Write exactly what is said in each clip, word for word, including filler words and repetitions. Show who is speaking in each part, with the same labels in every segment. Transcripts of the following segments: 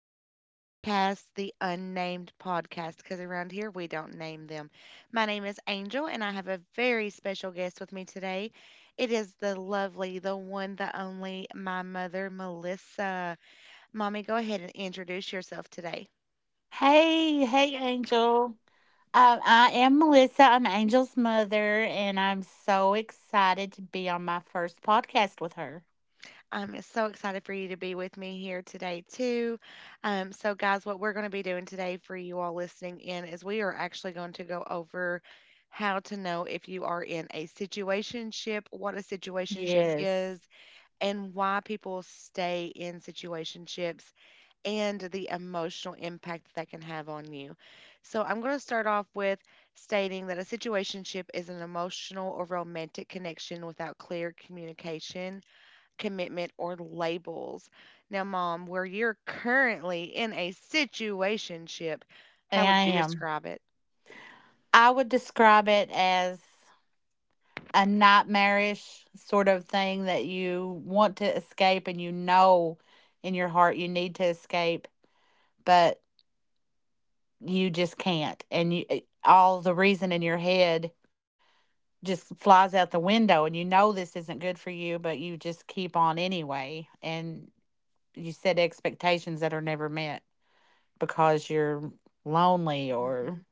Speaker 1: the podcast, the unnamed podcast, because around here we don't name them. My name is Angel, and I have a very special guest with me today. It is the lovely, the one, the only, my mother, Melissa. Mommy, go ahead and introduce yourself today.
Speaker 2: Hey, hey, Angel. Uh, I am Melissa. I'm Angel's mother, and I'm so excited to be on my first podcast with her.
Speaker 1: I'm so excited for you to be with me here today, too. Um, so, guys, what we're going to be doing today for you all listening in is we are actually going to go over how to know if you are in a situationship, what a situationship
Speaker 2: Yes,
Speaker 1: is, and why people stay in situationships, and the emotional impact that that can have on you. So, I'm going to start off with stating that a situationship is an emotional or romantic connection without clear communication commitment or labels. Now, mom, where you're currently in a situationship,
Speaker 2: I
Speaker 1: how would you
Speaker 2: am.
Speaker 1: describe it?
Speaker 2: I would describe it as a nightmarish sort of thing that you want to escape, and you know in your heart you need to escape, but you just can't. And you, eh, all the reason in your head just flies out the window, and you know this isn't good for you, but you just keep on anyway, and you set expectations that are never met because you're lonely or
Speaker 1: hmm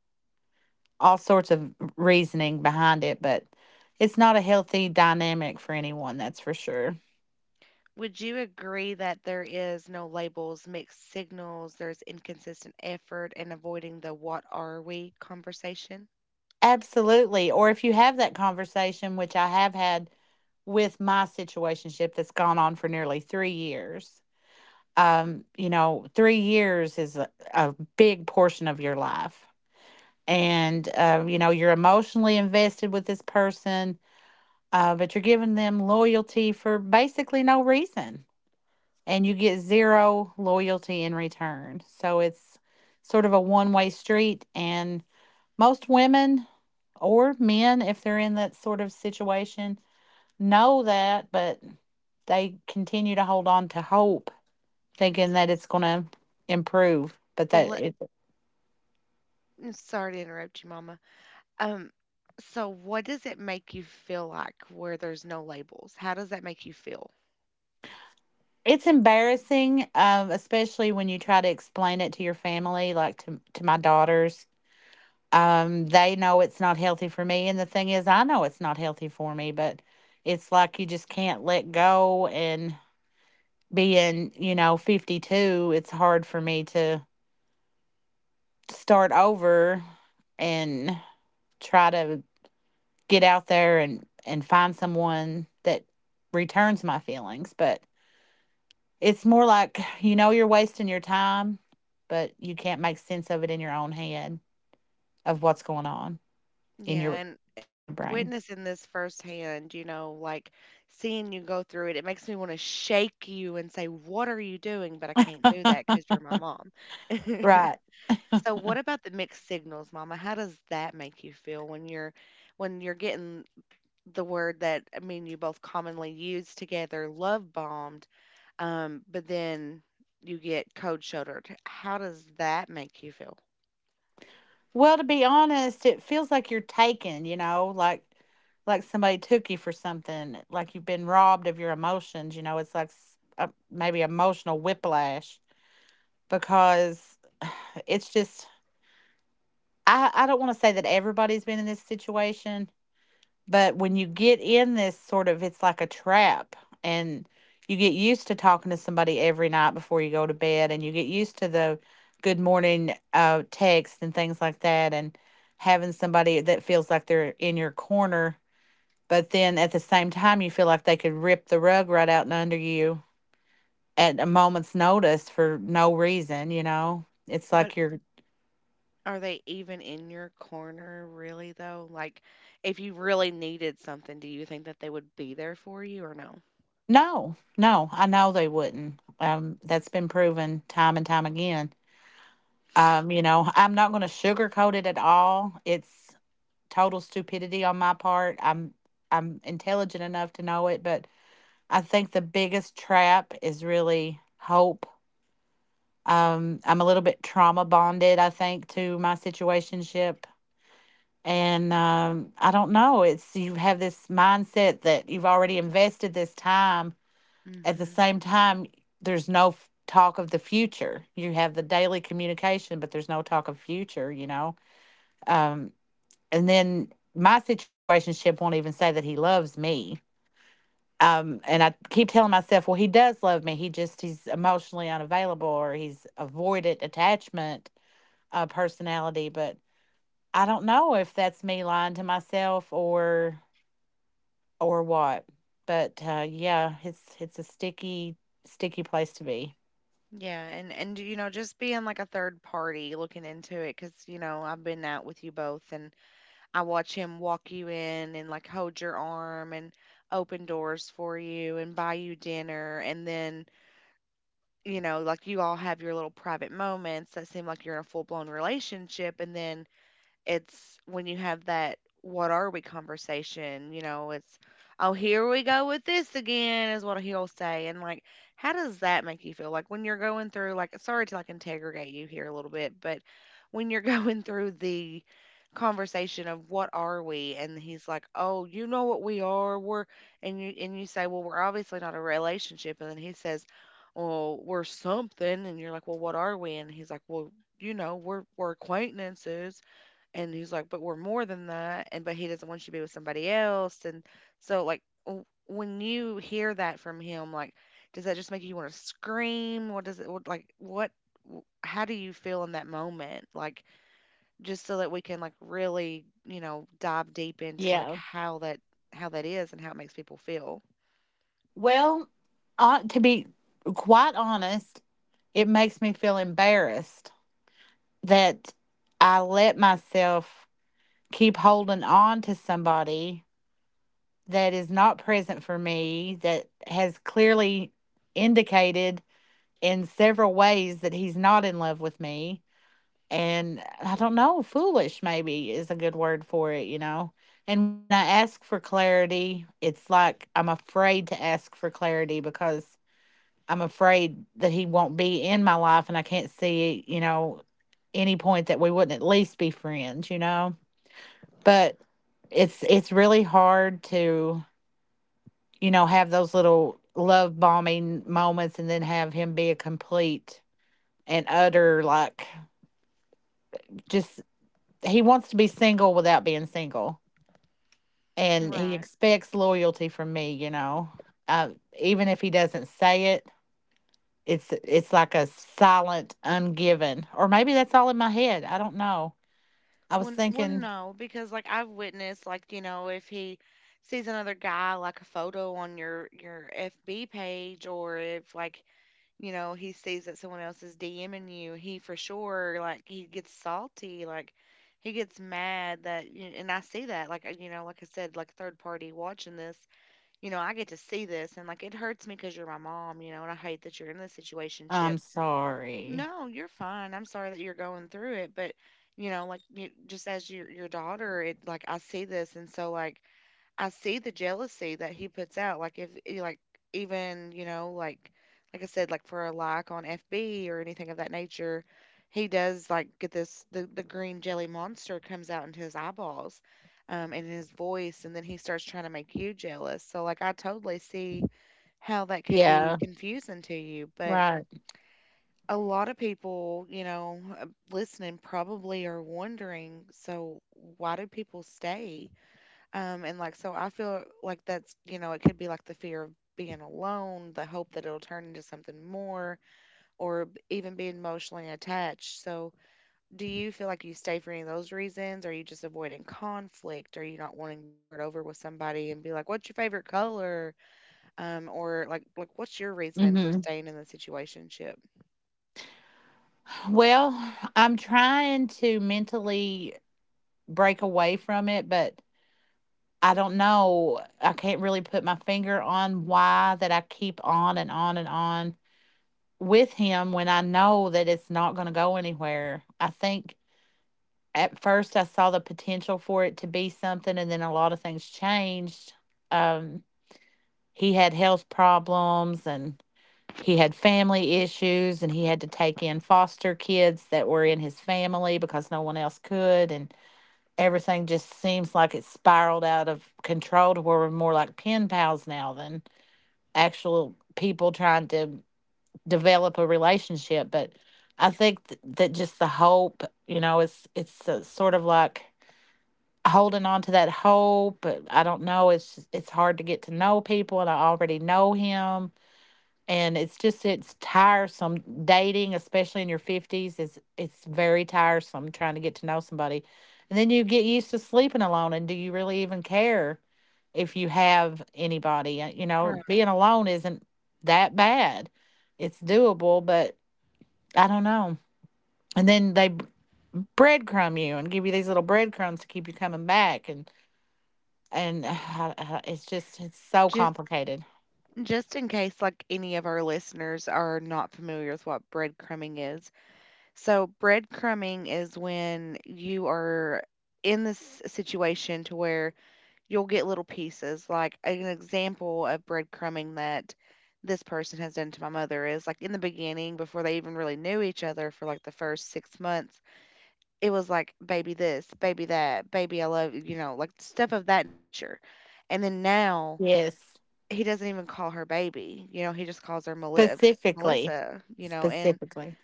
Speaker 2: all sorts of reasoning behind it, but it's not a healthy dynamic for anyone, that's for sure.
Speaker 1: Would you agree that there is no labels, mixed signals, there's inconsistent effort, and avoiding the what are we conversation?
Speaker 2: Absolutely. Or if you have that conversation, which I have had with my situationship that's gone on for nearly three years, um you know, three years is a, a big portion of your life, and um, you know, you're emotionally invested with this person. Uh, but you're giving them loyalty for basically no reason, and you get zero loyalty in return, so it's sort of a one-way street, and most women or men, if they're in that sort of situation, know that, but they continue to hold on to hope, thinking
Speaker 1: S-
Speaker 2: that it's going to improve. But that
Speaker 1: Let,
Speaker 2: it,
Speaker 1: Sorry to interrupt you, mama. Um, so, what does it make you feel like where there's no labels? How does that make you feel?
Speaker 2: it's embarrassing, um, especially when you try to explain it to your family, like to to my daughters. Um, they know it's not healthy for me, and the thing is, I know it's not healthy for me, but it's like you just can't let go. And being, you know, fifty two, it's hard for me to start over and try to get out there and and find someone that returns my feelings. But it's more like, you know, you're wasting your time, but you can't make sense of it in your own head of what's going on in
Speaker 1: Yeah,
Speaker 2: your
Speaker 1: and
Speaker 2: in
Speaker 1: and
Speaker 2: your brain.
Speaker 1: witnessing this firsthand, you know, like seeing you go through it, it makes me want to shake you and say, "What are you doing?" But I can't do that because you're my mom.
Speaker 2: Right.
Speaker 1: So, what about the mixed signals, Mama? How does that make you feel when you're when you're getting the word that I mean you both commonly use together, love bombed, um, but then you get cold shouldered? How does that make you feel?
Speaker 2: Well, to be honest, it feels like you're taken, you know, like like somebody took you for something, like you've been robbed of your emotions. You know, it's like s- uh, maybe emotional whiplash, because it's just, I I don't want to say that everybody's been in this situation. But when you get in this sort of, it's like a trap, and you get used to talking to somebody every night before you go to bed, and you get used to the good morning uh, text and things like that, and having somebody that feels like they're in your corner. But then at the same time, you feel like they could rip the rug right out and under you at a moment's notice for no reason, you know? It's like
Speaker 1: But
Speaker 2: you're,
Speaker 1: Are they even in your corner really though? Like if you really needed something, do you think that they would be there for you or no?
Speaker 2: no, no, I know they wouldn't. Um, that's been proven time and time again. Um, you know, I'm not going to sugarcoat it at all. It's total stupidity on my part. I'm I'm intelligent enough to know it, but I think the biggest trap is really hope. Um, I'm a little bit trauma bonded, I think, to my situationship. And um, I don't know. It's, you have this mindset that you've already invested this time.
Speaker 1: mm
Speaker 2: At the
Speaker 1: hmm
Speaker 2: same time, there's no f- talk of the future. You have the daily communication, but there's no talk of future, you know? um, and then my situationship won't even say that he loves me, um and I keep telling myself, well, he does love me, he just, he's emotionally unavailable, or he's avoidant attachment, uh personality. But I don't know if that's me lying to myself, or or what. But uh yeah, it's it's a sticky sticky place to be.
Speaker 1: Yeah, and and you know, just being like a third party looking into it, because you know, I've been out with you both, and I watch him walk you in and like hold your arm and open doors for you and buy you dinner, and then you know, like you all have your little private moments that seem like you're in a full blown relationship, and then it's when you have that what are we conversation, you know, it's oh here we go with this again is what he'll say. And like how does that make you feel? Like when you're going through like sorry to like interrogate you here a little bit, but when you're going through the conversation of what are we and he's like oh you know what we are we're and you and you say well we're obviously not a relationship and then he says oh we're something and you're like well what are we and he's like well you know we're we're acquaintances and he's like, but we're more than that. And, but he doesn't want you to be with somebody else. And so, like, w- when you hear that from him, like, does that just make you want to scream? What does it, what, like, what, w- How do you feel in that moment? Like, just so that we can, like, really, you know, dive deep into, like,
Speaker 2: Yeah.
Speaker 1: how that, how that is and how it makes people feel.
Speaker 2: Well, uh, to be quite honest, it makes me feel embarrassed that I let myself keep holding on to somebody that is not present for me, that has clearly indicated in several ways that he's not in love with me. And I don't know, foolish maybe is a good word for it, you know? And when I ask for clarity, it's like I'm afraid to ask for clarity, because I'm afraid that he won't be in my life, and I can't see, you know, any point that we wouldn't at least be friends, you know? But it's it's really hard to, you know, have those little love bombing moments, and then have him be a complete and utter, like, just, he wants to be single without being single, and he
Speaker 1: Right.
Speaker 2: expects loyalty from me, you know. uh, Even if he doesn't say it, it's it's like a silent ungiven, or maybe that's all in my head, I don't know. I was
Speaker 1: Well, well,
Speaker 2: thinking,
Speaker 1: no, because like I've witnessed, like you know, if he sees another guy, like a photo on your your F B page, or if like you know, he sees that someone else is DMing you, he for sure, like, he gets salty. Like, he gets mad that, you and I see that. Like, uh, you know, like I said, like, third party watching this, you know, I get to see this. And, like, it hurts me because you're my mom, you know, and I hate that you're in this situationship.
Speaker 2: I'm sorry.
Speaker 1: No, you're fine. I'm sorry that you're going through it. But, you know, like, you, just as your, your daughter, it, like, I see this. And so, like, I see the jealousy that he puts out. Like if eh, like even, You know, like like I said, like for a like on F B or anything of that nature, he does like get this the, the green jelly monster comes out into his eyeballs, um, and his voice and then he starts trying to make you jealous. So like I totally see how that could be
Speaker 2: Yeah.
Speaker 1: confusing to you. But
Speaker 2: Right.
Speaker 1: a lot of people, you know, uh, listening probably are wondering, so why do people stay? Um, and like, so I feel like that's, you know, it could be like the fear of being alone, the hope that it'll turn into something more, or b- even being emotionally attached. So, do you feel like you stay for any of those reasons? Are you just avoiding conflict? Are you not wanting to start over with somebody and be like, what's your favorite color? Um, or like, like what's your reasoning for
Speaker 2: Hmm.
Speaker 1: staying in the situationship?
Speaker 2: Well, I'm trying to mentally break away from it, but I don't know. I can't really put my finger on why that I keep on and on and on with him, when I know that it's not going to go anywhere. I think at first I saw the potential for it to be something, and then a lot of things changed. Um, he had health problems, and he had family issues, and he had to take in foster kids that were in his family because no one else could, and everything just seems like it spiraled out of control to where we're more like pen pals now than actual people trying to develop a relationship. But I think th- that just the hope, you know, it's it's uh, sort of like holding on to that hope. But I don't know, it's just, it's hard to get to know people, and I already know him. And it's just, it's tiresome dating, especially in your fifties, is, it's very tiresome trying to get to know somebody, and then you get used to sleeping alone, and do you really even care if you have anybody. Uh, you know,
Speaker 1: Right.
Speaker 2: being alone isn't that bad, it's doable. But I don't know, and then they b- breadcrumb you, and give you these little breadcrumbs to keep you coming back, and and it's just, it's so
Speaker 1: Just,
Speaker 2: complicated.
Speaker 1: just in case, like any of our listeners are not familiar with what breadcrumbing is, so breadcrumbing is when you are in this situation to where you'll get little pieces. Like an example of breadcrumbing that this person has done to my mother is like in the beginning, before they even really knew each other for like the first six months, it was like baby this, baby that, baby I love you, you know, like stuff of that nature. And then now
Speaker 2: Yes.
Speaker 1: he doesn't even call her baby, you know, he just calls her Meli-
Speaker 2: Specifically.
Speaker 1: Melissa, you know, and
Speaker 2: Specifically.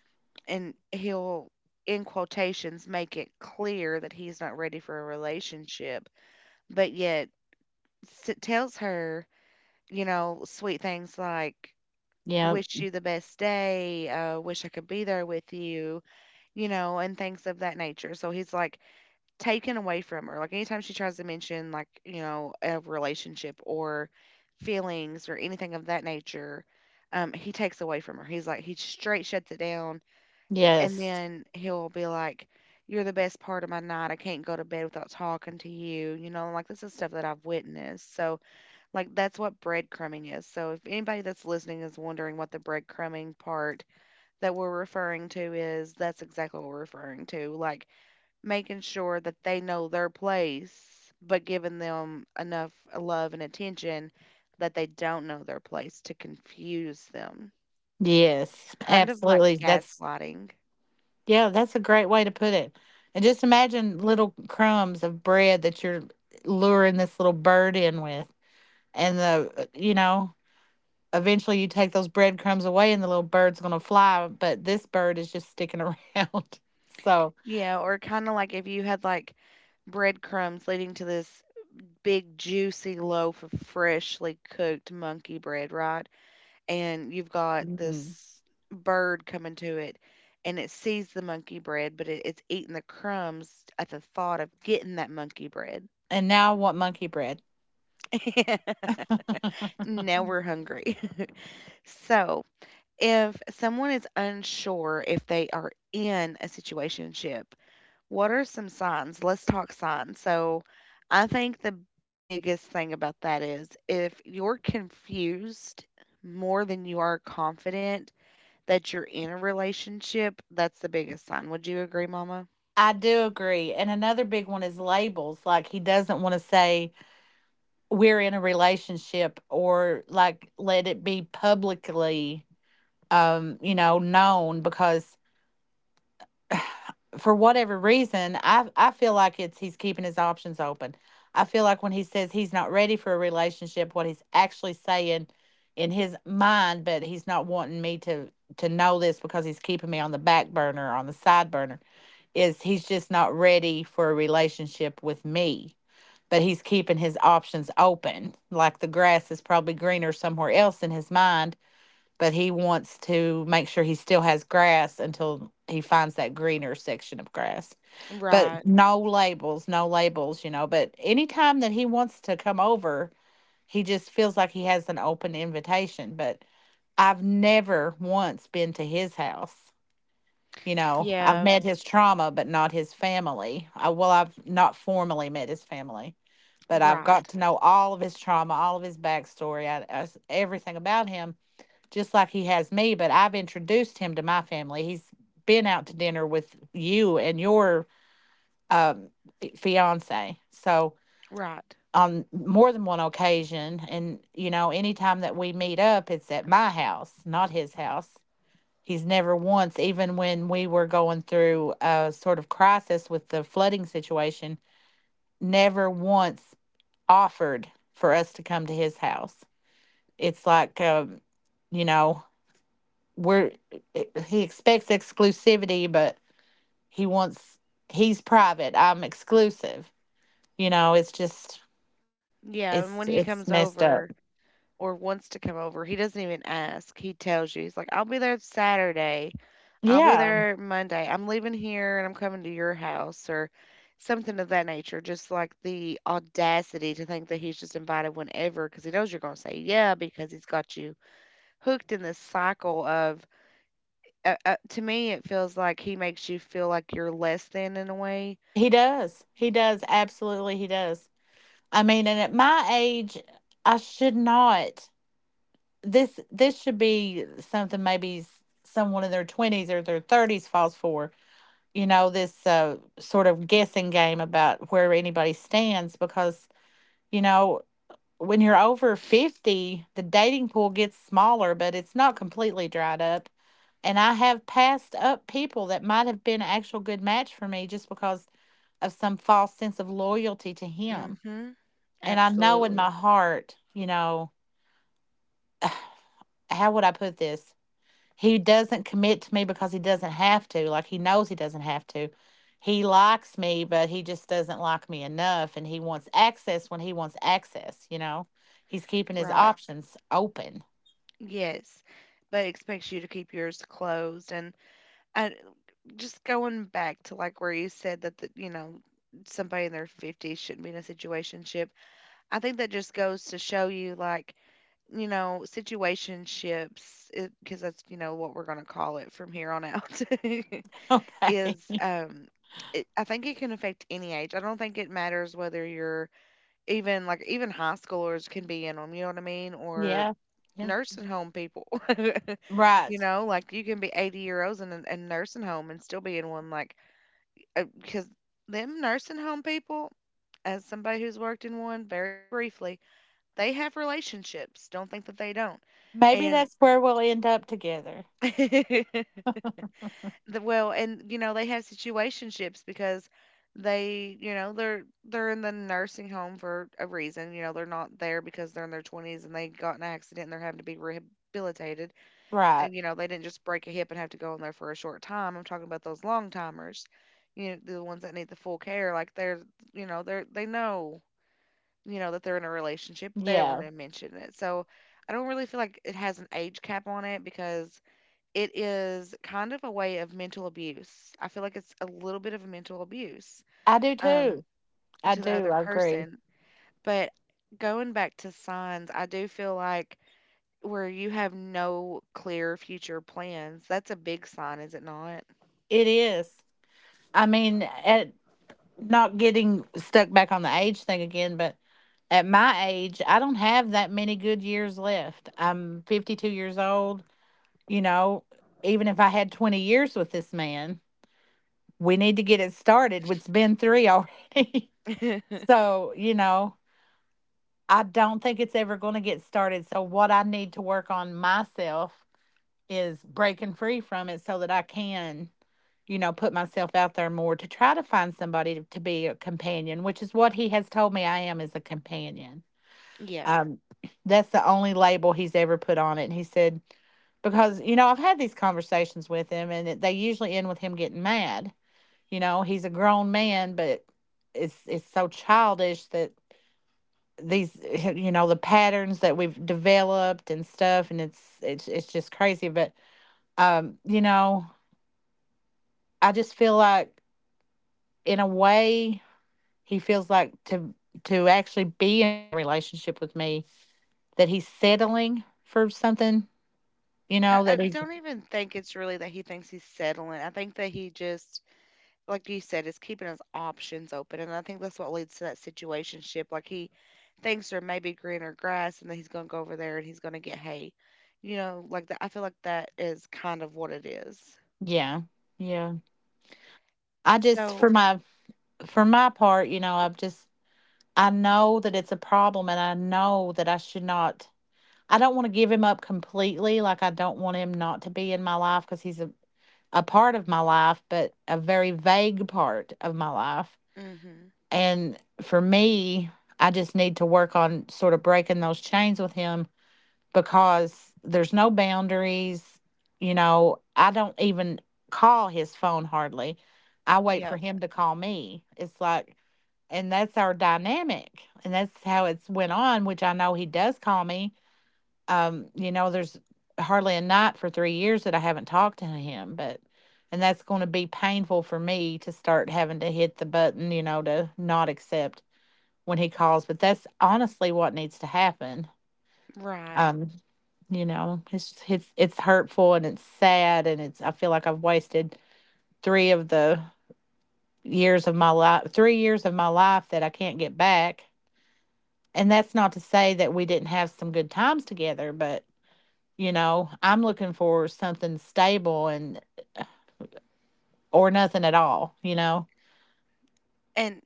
Speaker 1: and he'll in quotations make it clear that he's not ready for a relationship but yet s- tells her you know sweet things like
Speaker 2: Yeah.
Speaker 1: wish you the best day, uh, wish I could be there with you you know and things of that nature so he's like taken away from her like anytime she tries to mention like you know a relationship or feelings or anything of that nature, um, he takes away from her he's like he straight shuts it down and
Speaker 2: Yes.
Speaker 1: then he'll be like, "You're the best part of my night. I can't go to bed without talking to you." You know, like this is stuff that I've witnessed. So, like that's what breadcrumbing is. So, if anybody that's listening is wondering what the breadcrumbing part that we're referring to is, that's exactly what we're referring to. Like making sure that they know their place, but giving them enough uh, love and attention that they don't know their place to confuse them.
Speaker 2: Yes.
Speaker 1: Kind of like
Speaker 2: Absolutely. That's,
Speaker 1: gaslighting.
Speaker 2: yeah, that's a great way to put it. And just imagine little crumbs of bread that you're luring this little bird in with. And the uh, you know, eventually you take those breadcrumbs away, and the little bird's gonna fly, but this bird is just sticking around. So,
Speaker 1: Yeah, or kinda like if you had, like, breadcrumbs leading to this big juicy loaf of freshly cooked monkey bread, right? And you've got
Speaker 2: mm.
Speaker 1: this bird coming to it, and it sees the monkey bread, but it it's eating the crumbs at the thought of getting that monkey bread.
Speaker 2: And now I want monkey bread.
Speaker 1: Now we're hungry. So, if someone is unsure if they are in a situationship, what are some signs? Let's talk signs. So, I think the biggest thing about that is if you're confused more than you are confident that you're in a relationship, that's the biggest sign. Would you agree, Mama?
Speaker 2: I do agree. And another big one is labels. Like, he doesn't want to say we're in a relationship, or like let it be publicly, um you know, known, because for whatever reason, i i feel like it's, he's keeping his options open. I feel like when he says he's not ready for a relationship, what he's actually saying in his mind, but he's not wanting me to to know this, because he's keeping me on the back burner, on the side burner, is, he's just not ready for a relationship with me, but he's keeping his options open. Like, the grass is probably greener somewhere else in his mind, but he wants to make sure he still has grass until he finds that greener section of grass.
Speaker 1: Right.
Speaker 2: But no labels, no labels, you know. But anytime that he wants to come over, he just feels like he has an open invitation. But I've never once been to his house. You know, I've
Speaker 1: Yeah.
Speaker 2: met his trauma, but not his family. I, well, I've not formally met his family, but I've got
Speaker 1: Right,
Speaker 2: to know all of his trauma, all of his backstory, I, I s- everything about him, just like he has me. But I've introduced him to my family. He's been out to dinner with you and your um, fiance. So,
Speaker 1: right.
Speaker 2: on more than one occasion, and you know, anytime that we meet up, it's at my house, not his house. He's never once, even when we were going through a sort of crisis with the flooding situation, never once offered for us to come to his house. It's like, um, you know, we're, eh, he expects exclusivity, but he wants, he's private. I'm exclusive. You know, it's just,
Speaker 1: Yeah, and when
Speaker 2: it's
Speaker 1: he
Speaker 2: it's
Speaker 1: comes
Speaker 2: messed
Speaker 1: over
Speaker 2: up.
Speaker 1: or wants to come over, he doesn't even ask. He tells you, he's like, I'll be there Saturday. I'll be
Speaker 2: Yeah,
Speaker 1: there Monday. I'm leaving here and I'm coming to your house or something of that nature. Just like the audacity to think that he's just invited whenever because he knows you're going to say yeah because he's got you hooked in this cycle of, uh, uh, to me, it feels like he makes you feel like you're less than in a way.
Speaker 2: he does. He does absolutely. He does. I mean, and at my age, I should not. this this should be something maybe s- someone in their twenties or their thirties falls for. You know, this uh, sort of guessing game about where anybody stands, because, you know, when you're over fifty, the dating pool gets smaller, but it's not completely dried up. And I have passed up people that might have been an actual good match for me, just because of some false sense of loyalty to him.
Speaker 1: Mm-hmm.
Speaker 2: And I know in my
Speaker 1: Absolutely.
Speaker 2: heart, you know, how would I put this? He doesn't commit to me because he doesn't have to. Like, he knows he doesn't have to. He likes me, but he just doesn't like me enough, and he wants access when he wants access, you know? He's keeping his
Speaker 1: Right.
Speaker 2: options open.
Speaker 1: Yes. But expects you to keep yours closed. And I, just going back to like where you said that the, you know somebody in their fifties shouldn't be in a situationship, I think that just goes to show you like you know situationships, because that's you know what we're going to call it from here on out,
Speaker 2: Okay.
Speaker 1: is um it, I think it can affect any age I don't think it matters whether you're even like even high schoolers can be in them you know what I mean or
Speaker 2: Yeah. Yeah.
Speaker 1: nursing home people. You
Speaker 2: Right.
Speaker 1: know like you can be eighty year olds in a in nursing home and still be in one like, uh, because them nursing home people, as somebody who's worked in one very briefly, they have relationships. Don't think that they don't.
Speaker 2: Maybe
Speaker 1: And
Speaker 2: that's where we'll end up together.
Speaker 1: the well, and you know, they have situationships because they, you know, they're they're in the nursing home for a reason. You know, they're not there because they're in their twenties and they got in an accident and they're having to be rehabilitated
Speaker 2: Right.
Speaker 1: and, you know, they didn't just break a hip and have to go in there for a short time. I'm talking about those long timers, you know, the ones that need the full care. Like they're, you know, they're they know, you know, that they're in a relationship, but they don't want
Speaker 2: Yeah.
Speaker 1: to mention it. So I don't really feel like it has an age cap on it because it is kind of a way of mental abuse. I feel like it's a little bit of a mental abuse
Speaker 2: I do
Speaker 1: um,
Speaker 2: too. I
Speaker 1: to the
Speaker 2: do.
Speaker 1: other
Speaker 2: I agree.
Speaker 1: person. But going back to signs, I do feel like where you have no clear future plans, that's a big sign, is it not?
Speaker 2: It is. I mean, at not getting stuck back on the age thing again, but at my age, I don't have that many good years left. I'm fifty-two years old. You know, even if I had twenty years with this man, we need to get it started. It's been three already. so, you know, I don't think it's ever going to get started. So, what I need to work on myself is breaking free from it so that I can, you know, put myself out there more to try to find somebody to, to be a companion, which is what he has told me I am as a companion.
Speaker 1: Yeah.
Speaker 2: Um, that's the only label he's ever put on it. And he said, because, you know, I've had these conversations with him and it- they usually end with him getting mad. You know, he's a grown man, but it's it's so childish that these you know the patterns that we've developed and stuff and it's it's it's just crazy but um you know I just feel like, in a way, he feels like to to actually be in a relationship with me, that he's settling for something, you
Speaker 1: I,
Speaker 2: know,
Speaker 1: I
Speaker 2: that he's.
Speaker 1: don't even think it's really that he thinks he's settling. I think that he just, like you said, is keeping his options open. And I think that's what leads to that situationship. Like he thinks there may be greener grass and then he's going to go over there and he's going to get hay. You know, like that. I feel like that is kind of what it is.
Speaker 2: Yeah. Yeah. I just for
Speaker 1: So,
Speaker 2: my for my part, you know, I've just I know that it's a problem and I know that I should not. I don't want to give him up completely, like I don't want him not to be in my life cuz he's a a part of my life, but a very vague part of my life.
Speaker 1: mm-hmm.
Speaker 2: And for me, I just need to work on sort of breaking those chains with him because there's no boundaries. You know, I don't even call his phone hardly. I wait for
Speaker 1: Yep.
Speaker 2: him to call me. It's like, and that's our dynamic, and that's how it's went on. Which I know he does call me. Um, you know, there's hardly a night for three years that I haven't talked to him, but and that's going to be painful for me to start having to hit the button, you know, to not accept when he calls. But that's honestly what needs to happen.
Speaker 1: Right.
Speaker 2: um, you know, it's it's it's hurtful and it's sad and it's I feel like I've wasted three of the years of my life, three years of my life that I can't get back. And that's not to say that we didn't have some good times together, but you know, I'm looking for something stable, and or nothing at all, you know.
Speaker 1: And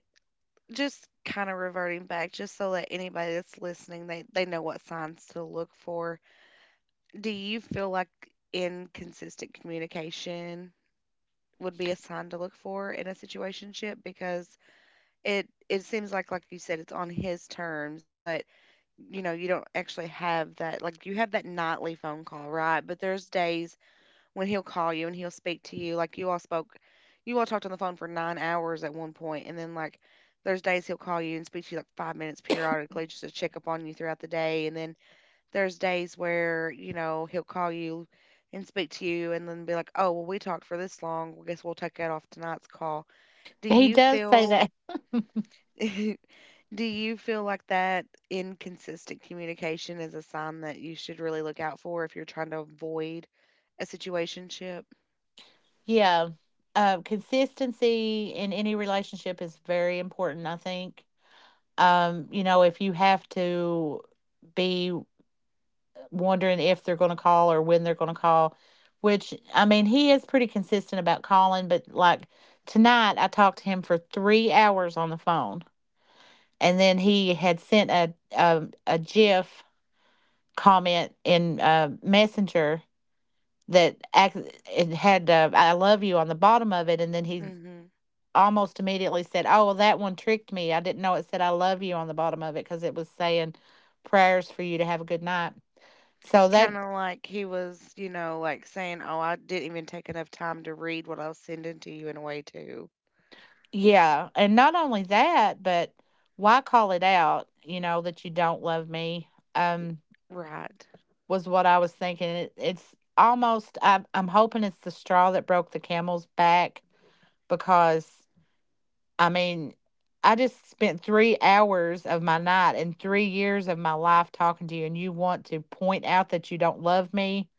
Speaker 1: just kind of reverting back, just so that anybody that's listening, they they know what signs to look for. Do you feel like inconsistent communication would be a sign to look for in a situationship? Because it it seems like, like you said, it's on his terms, but you know, you don't actually have that. Like you have that nightly phone call, right? But there's days when he'll call you and he'll speak to you. Like you all spoke, you all talked on the phone for nine hours at one point, and then like there's days he'll call you and speak to you like five minutes periodically just to check up on you throughout the day, and then there's days where you know he'll call you and speak to you, and then be like, oh, well, we talked for this long. Well, guess we'll take that off tonight's call. Do
Speaker 2: He
Speaker 1: you
Speaker 2: does say that.
Speaker 1: feel Do you feel like that inconsistent communication is a sign that you should really look out for if you're trying to avoid a situationship?
Speaker 2: Yeah. Uh, consistency in any relationship is very important, I think. Um, you know, if you have to be wondering if they're going to call or when they're going to call, which I mean, he is pretty consistent about calling, but like tonight I talked to him for three hours on the phone. And then he had sent a a, a GIF comment in uh, Messenger that ac- it had, uh, I love you on the bottom of it. And then he
Speaker 1: Mm-hmm.
Speaker 2: almost immediately said, Oh, well, that one tricked me. I didn't know it said I love you on the bottom of it because it was saying prayers for you to have a good night. So
Speaker 1: Kind
Speaker 2: that.
Speaker 1: of like he was, you know, like saying, "Oh, I didn't even take enough time to read what I was sending to you in a way too."
Speaker 2: Yeah, and not only that, but why call it out, you know, that you don't love me, um,
Speaker 1: Right.
Speaker 2: was what I was thinking. It, it's almost, I'm, I'm hoping it's the straw that broke the camel's back because, I mean, I just spent three hours of my night and three years of my life talking to you, and you want to point out that you don't love me.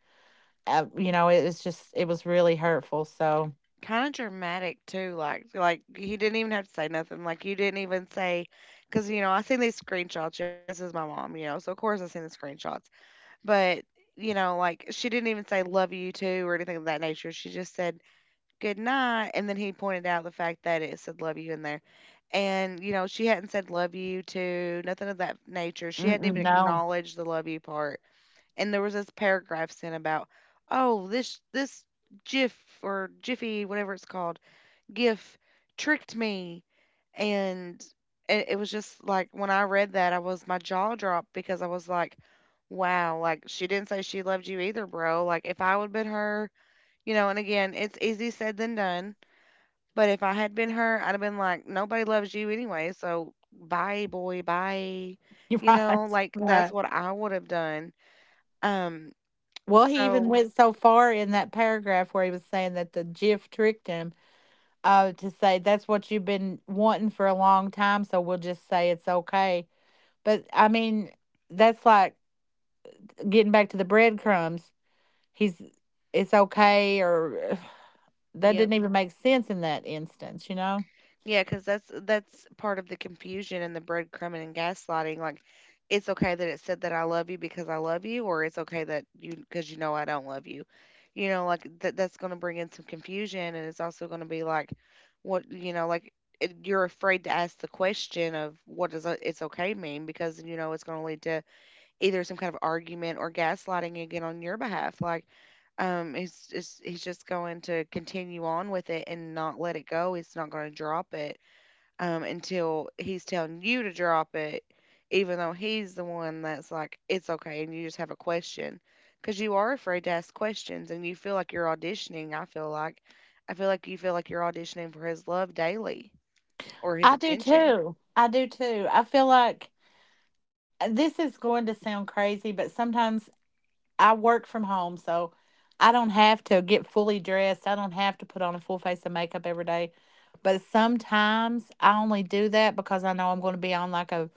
Speaker 2: Uh, you know, it was just, it was really hurtful. So,
Speaker 1: Kind of dramatic too, like like he didn't even have to say nothing. Like you didn't even say, because you know I seen these screenshots, y'all. This is my mom, you know, so of course I seen the screenshots. But you know, like she didn't even say "love you too" or anything of that nature. She just said "good night," and then he pointed out the fact that it said "love you" in there. And you know, she hadn't said love you to nothing of that nature. She hadn't
Speaker 2: mm-mm,
Speaker 1: even
Speaker 2: no.
Speaker 1: acknowledged the love you part, and there was this paragraph sent about, oh, this this gif or jiffy whatever it's called, gif tricked me. And it, it was just like when I read that, I was my jaw dropped because I was like, wow, like she didn't say she loved you either, bro. Like if I would have been her, you know, and again, it's easy said than done, but if I had been her, I'd have been like, nobody loves you anyway. So bye, boy, bye.
Speaker 2: You're
Speaker 1: You
Speaker 2: right.
Speaker 1: know, like that's
Speaker 2: Right.
Speaker 1: what I would have done. Um,
Speaker 2: Well, he even
Speaker 1: so.
Speaker 2: went so far in that paragraph where he was saying that the GIF tricked him, uh, to say that's what you've been wanting for a long time, so we'll just say it's okay. But I mean, that's like getting back to the breadcrumbs. He's It's okay, or that
Speaker 1: Yep.
Speaker 2: didn't even make sense in that instance, you know?
Speaker 1: Yeah, because that's that's part of the confusion and the breadcrumbing and gaslighting. Like, it's okay that it said that I love you because I love you, or it's okay that you because you know I don't love you. You know, like that that's going to bring in some confusion, and it's also going to be like, what, you know, like it, you're afraid to ask the question of what does o- it's okay mean because you know it's going to lead to either some kind of argument or gaslighting again on your behalf. Like, um he's just he's just going to continue on with it and not let it go. He's not going to drop it um, until he's telling you to drop it, even though he's the one that's like, it's okay, and you just have a question. Because you are afraid to ask questions and you feel like you're auditioning. I feel like, I feel like you feel like you're auditioning for his love daily or his
Speaker 2: I do
Speaker 1: attention
Speaker 2: too. I do too. I feel like this is going to sound crazy, but sometimes I work from home, so I don't have to get fully dressed. I don't have to put on a full face of makeup every day. But sometimes I only do that because I know I'm going to be on like a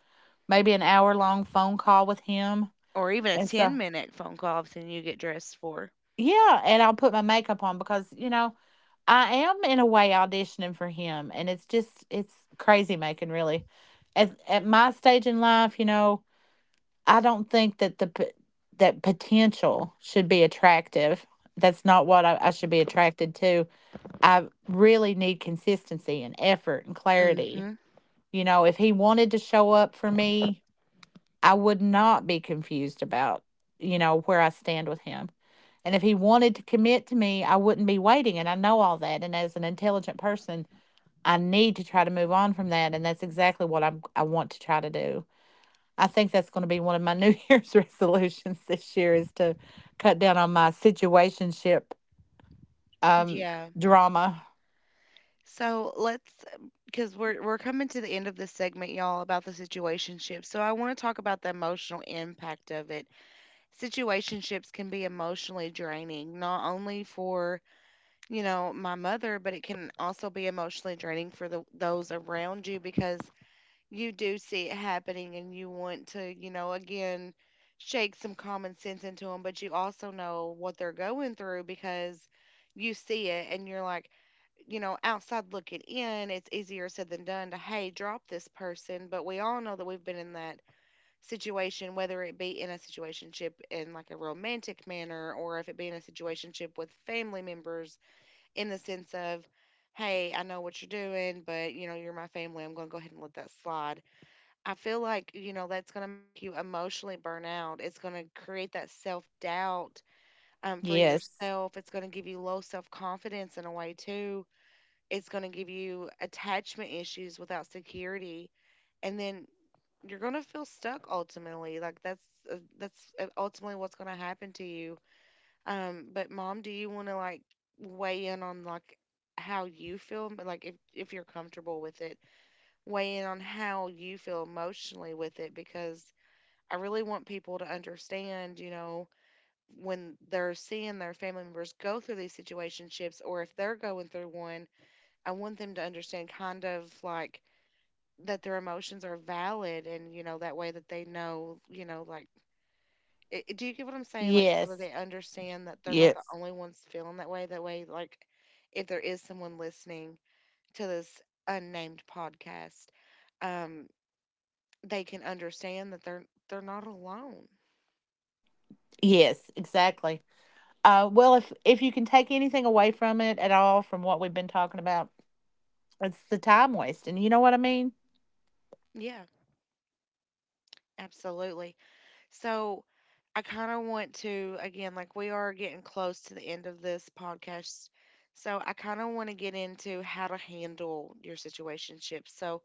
Speaker 2: maybe an hour long phone call with him.
Speaker 1: or even a
Speaker 2: And so,
Speaker 1: ten minute phone call I've seen you get dressed for.
Speaker 2: yeah, and I'll put my makeup on because, you know, I am in a way auditioning for him and it's just, it's crazy making really. At at my stage in life, you know, I don't think that the p- that potential should be attractive. That's not what I, I should be attracted to. I really need consistency and effort and clarity.
Speaker 1: Mm-hmm.
Speaker 2: You know, if he wanted to show up for me, I would not be confused about, you know, where I stand with him. And if he wanted to commit to me, I wouldn't be waiting. And I know all that. And as an intelligent person, I need to try to move on from that. And that's exactly what I'm, I want to try to do. I think that's going to be one of my New Year's resolutions this year is to cut down on my situationship um
Speaker 1: Yeah.
Speaker 2: drama.
Speaker 1: So let's, because we're we're coming to the end of this segment, y'all, about the situationship. So I want to talk about the emotional impact of it. Situationships can be emotionally draining, not only for, you know, my mother, but it can also be emotionally draining for the, those around you because you do see it happening and you want to, you know, again, shake some common sense into them, but you also know what they're going through because you see it and you're like, you know, outside looking in, it's easier said than done to, hey, drop this person. But we all know that we've been in that situation, whether it be in a situationship in like a romantic manner or if it be in a situationship with family members in the sense of, hey, I know what you're doing, but you know, you're my family. I'm going to go ahead and let that slide. I feel like, you know, that's going to make you emotionally burn out. It's going to create that self doubt um, for
Speaker 2: Yes.
Speaker 1: yourself. It's going to give you low self confidence in a way, too. It's going to give you attachment issues without security and then you're gonna feel stuck ultimately. Like that's uh, that's uh, ultimately what's gonna happen to you. Um, but mom, do you want to like weigh in on like how you feel? But, Like if if you're comfortable with it, weigh in on how you feel emotionally with it because I really want people to understand. You know, when they're seeing their family members go through these situationships, or if they're going through one, I want them to understand kind of like that their emotions are valid, and you know, that way that they know, you know, like, i i- do you get what I'm saying, like, so that
Speaker 2: Yes.
Speaker 1: they understand that they're not the
Speaker 2: Yes.
Speaker 1: only ones feeling that way that way, like, if there is someone listening to this unnamed podcast, um they can understand that they're they're not alone.
Speaker 2: Yes, exactly. Uh well, if if you can take anything away from it at all from what we've been talking about, it's the time wasting. You know what I mean?
Speaker 1: Yeah, absolutely. So I kind of want to, again, like we are getting close to the end of this podcast. So I kind of want to get into how to handle your situationship. So,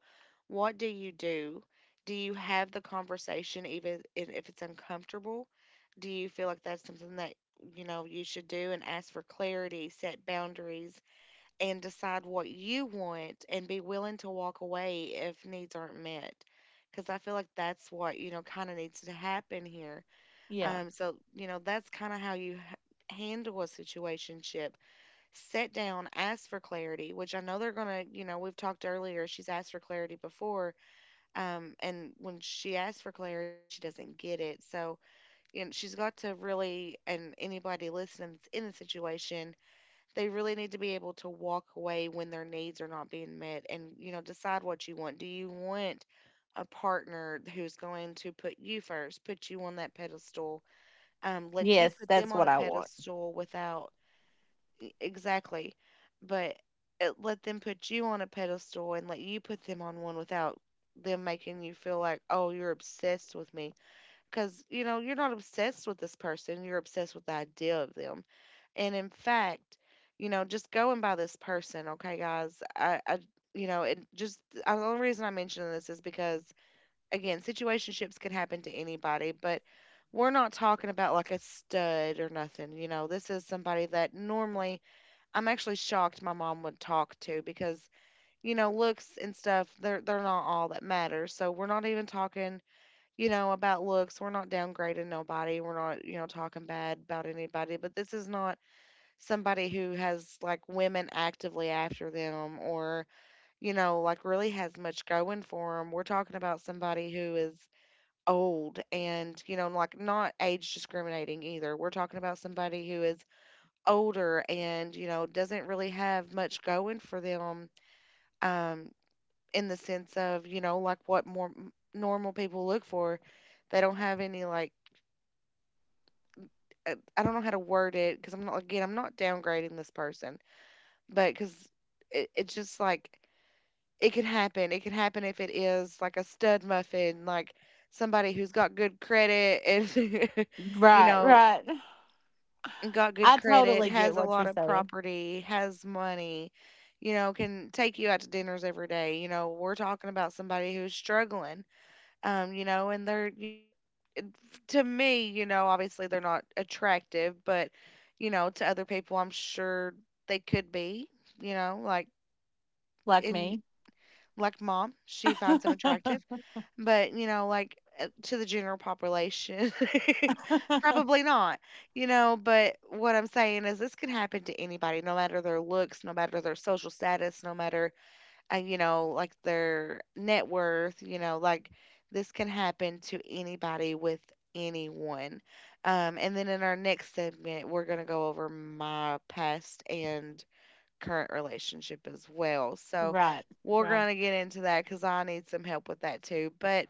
Speaker 1: what do you do? Do you have the conversation even i- if it's uncomfortable? Do you feel like that's something that you know you should do and ask for clarity, set boundaries, and decide what you want and be willing to walk away if needs aren't met. Because I feel like that's what, you know, kind of needs to happen here.
Speaker 2: Yeah.
Speaker 1: Um, so, you know, that's kind of how you h- handle a situationship. Sit down, ask for clarity, which I know they're going to, you know, we've talked earlier, she's asked for clarity before. Um, and when she asks for clarity, she doesn't get it. So, you know, she's got to really, and anybody listening that's in the situation, they really need to be able to walk away when their needs are not being met and, you know, decide what you want. Do you want a partner who's going to put you first, put you on that pedestal, um, let you
Speaker 2: Yes,
Speaker 1: put them
Speaker 2: that's
Speaker 1: on
Speaker 2: what
Speaker 1: a
Speaker 2: I want.
Speaker 1: pedestal without e- exactly, but uh, let them put you on a pedestal and let you put them on one without them making you feel like, oh, you're obsessed with me. Because, you know, you're not obsessed with this person, you're obsessed with the idea of them. And in fact, you know, just going by this person, okay, guys, I, I you know, it just, the only reason I mention this is because, again, situationships can happen to anybody, but we're not talking about like a stud or nothing. You know, this is somebody that normally I'm actually shocked my mom would talk to because you know looks and stuff they're they're not all that matters. So we're not even talking, you know, about looks. We're not downgrading nobody. We're not, you know, talking bad about anybody. But this is not somebody who has like women actively after them or you know, like really has much going for them. We're talking about somebody who is old, and you know, like not age discriminating either. We're talking about somebody who is older, and you know, doesn't really have much going for them, um in the sense of, you know, like what more m- normal people look for. They don't have any like uh, I don't know how to word it because I'm not, again, I'm not downgrading this person. But 'cause it it's just like, it could happen. It could happen if it is like a stud muffin, like somebody who's got good credit and you
Speaker 2: Right,
Speaker 1: know,
Speaker 2: right.
Speaker 1: got good
Speaker 2: I
Speaker 1: credit,
Speaker 2: totally get
Speaker 1: has a
Speaker 2: what
Speaker 1: lot
Speaker 2: you're
Speaker 1: of
Speaker 2: saying.
Speaker 1: property, has money, you know, can take you out to dinners every day. You know, we're talking about somebody who's struggling. Um, you know, and they're, you know, it- to me, you know, obviously they're not attractive, but you know, to other people, I'm sure they could be, you know, like
Speaker 2: Like
Speaker 1: in
Speaker 2: me.
Speaker 1: like mom, she finds him attractive, but you know, like uh, to the general population, probably not. You know, but what I'm saying is this can happen to anybody, no matter their looks, no matter their social status, no matter uh, you know, like their net worth. You know, like this can happen to anybody with anyone. Um, and then in our next segment, we're gonna go over my past and current relationship as well. So
Speaker 2: Right.
Speaker 1: we're
Speaker 2: Right.
Speaker 1: going to get into that because I need some help with that too. But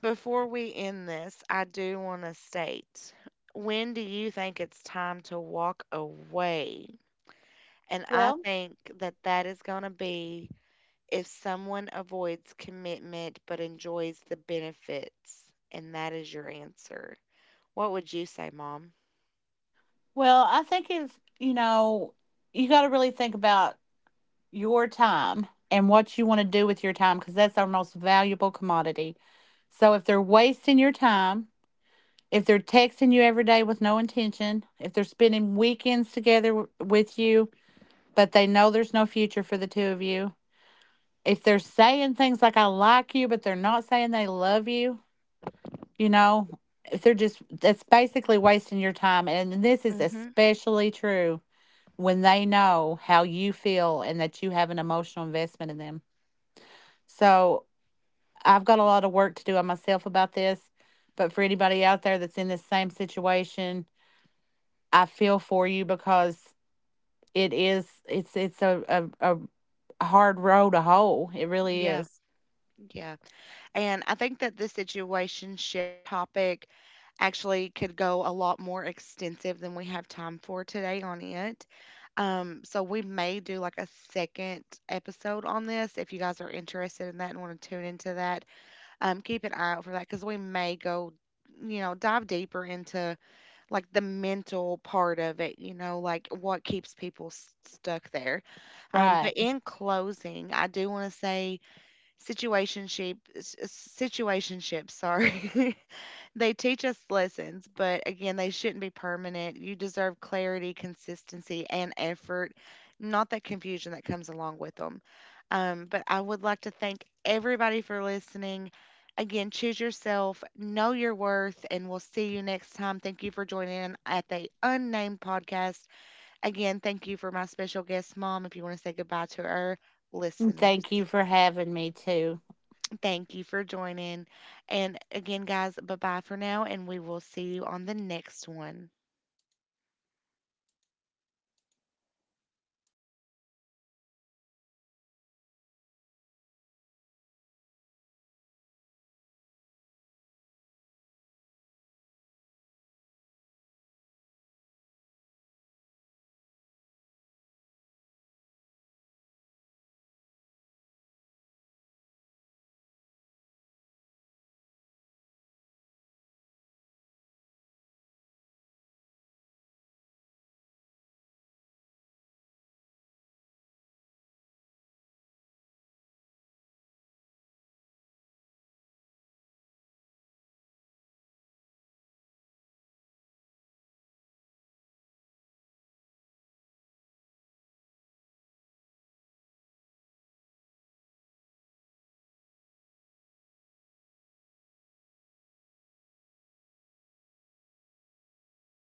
Speaker 1: before we end this, I do want to state, when do you think it's time to walk away? And I
Speaker 2: Well,
Speaker 1: think that that is going to be if someone avoids commitment but enjoys the benefits. And that is your answer. What would you say, Mom?
Speaker 2: Well, I think it's, you know, you got to really think about your time and what you want to do with your time because that's our most valuable commodity. So if they're wasting your time, if they're texting you every day with no intention, if they're spending weekends together w- with you, but they know there's no future for the two of you, if they're saying things like, I like you, but they're not saying they love you, you know, if they're just, that's basically wasting your time. And this is
Speaker 1: Mm-hmm.
Speaker 2: especially true when they know how you feel and that you have an emotional investment in them. So I've got a lot of work to do on myself about this. But for anybody out there that's in this same situation, I feel for you because it is it's it's a a, a hard road to hoe. It really
Speaker 1: Yeah.
Speaker 2: is.
Speaker 1: Yeah. And I think that this situationship topic actually could go a lot more extensive than we have time for today on it. Um, so we may do like a second episode on this if you guys are interested in that and want to tune into that. Um, keep an eye out for that because we may go, you know, dive deeper into like the mental part of it, you know, like what keeps people s- stuck there. Um, but
Speaker 2: Right.
Speaker 1: in closing, I do want to say situationship, s- situationships, sorry. They teach us lessons, but again, they shouldn't be permanent. You deserve clarity, consistency, and effort, not that confusion that comes along with them. Um, but I would like to thank everybody for listening. Again, choose yourself, know your worth, and we'll see you next time. Thank you for joining in at the Unnamed Podcast. Again, thank you for my special guest, Mom, if you want to say goodbye to our listeners.
Speaker 2: Thank you for having me too.
Speaker 1: Thank you for joining. And again, guys, bye bye for now, and we will see you on the next one.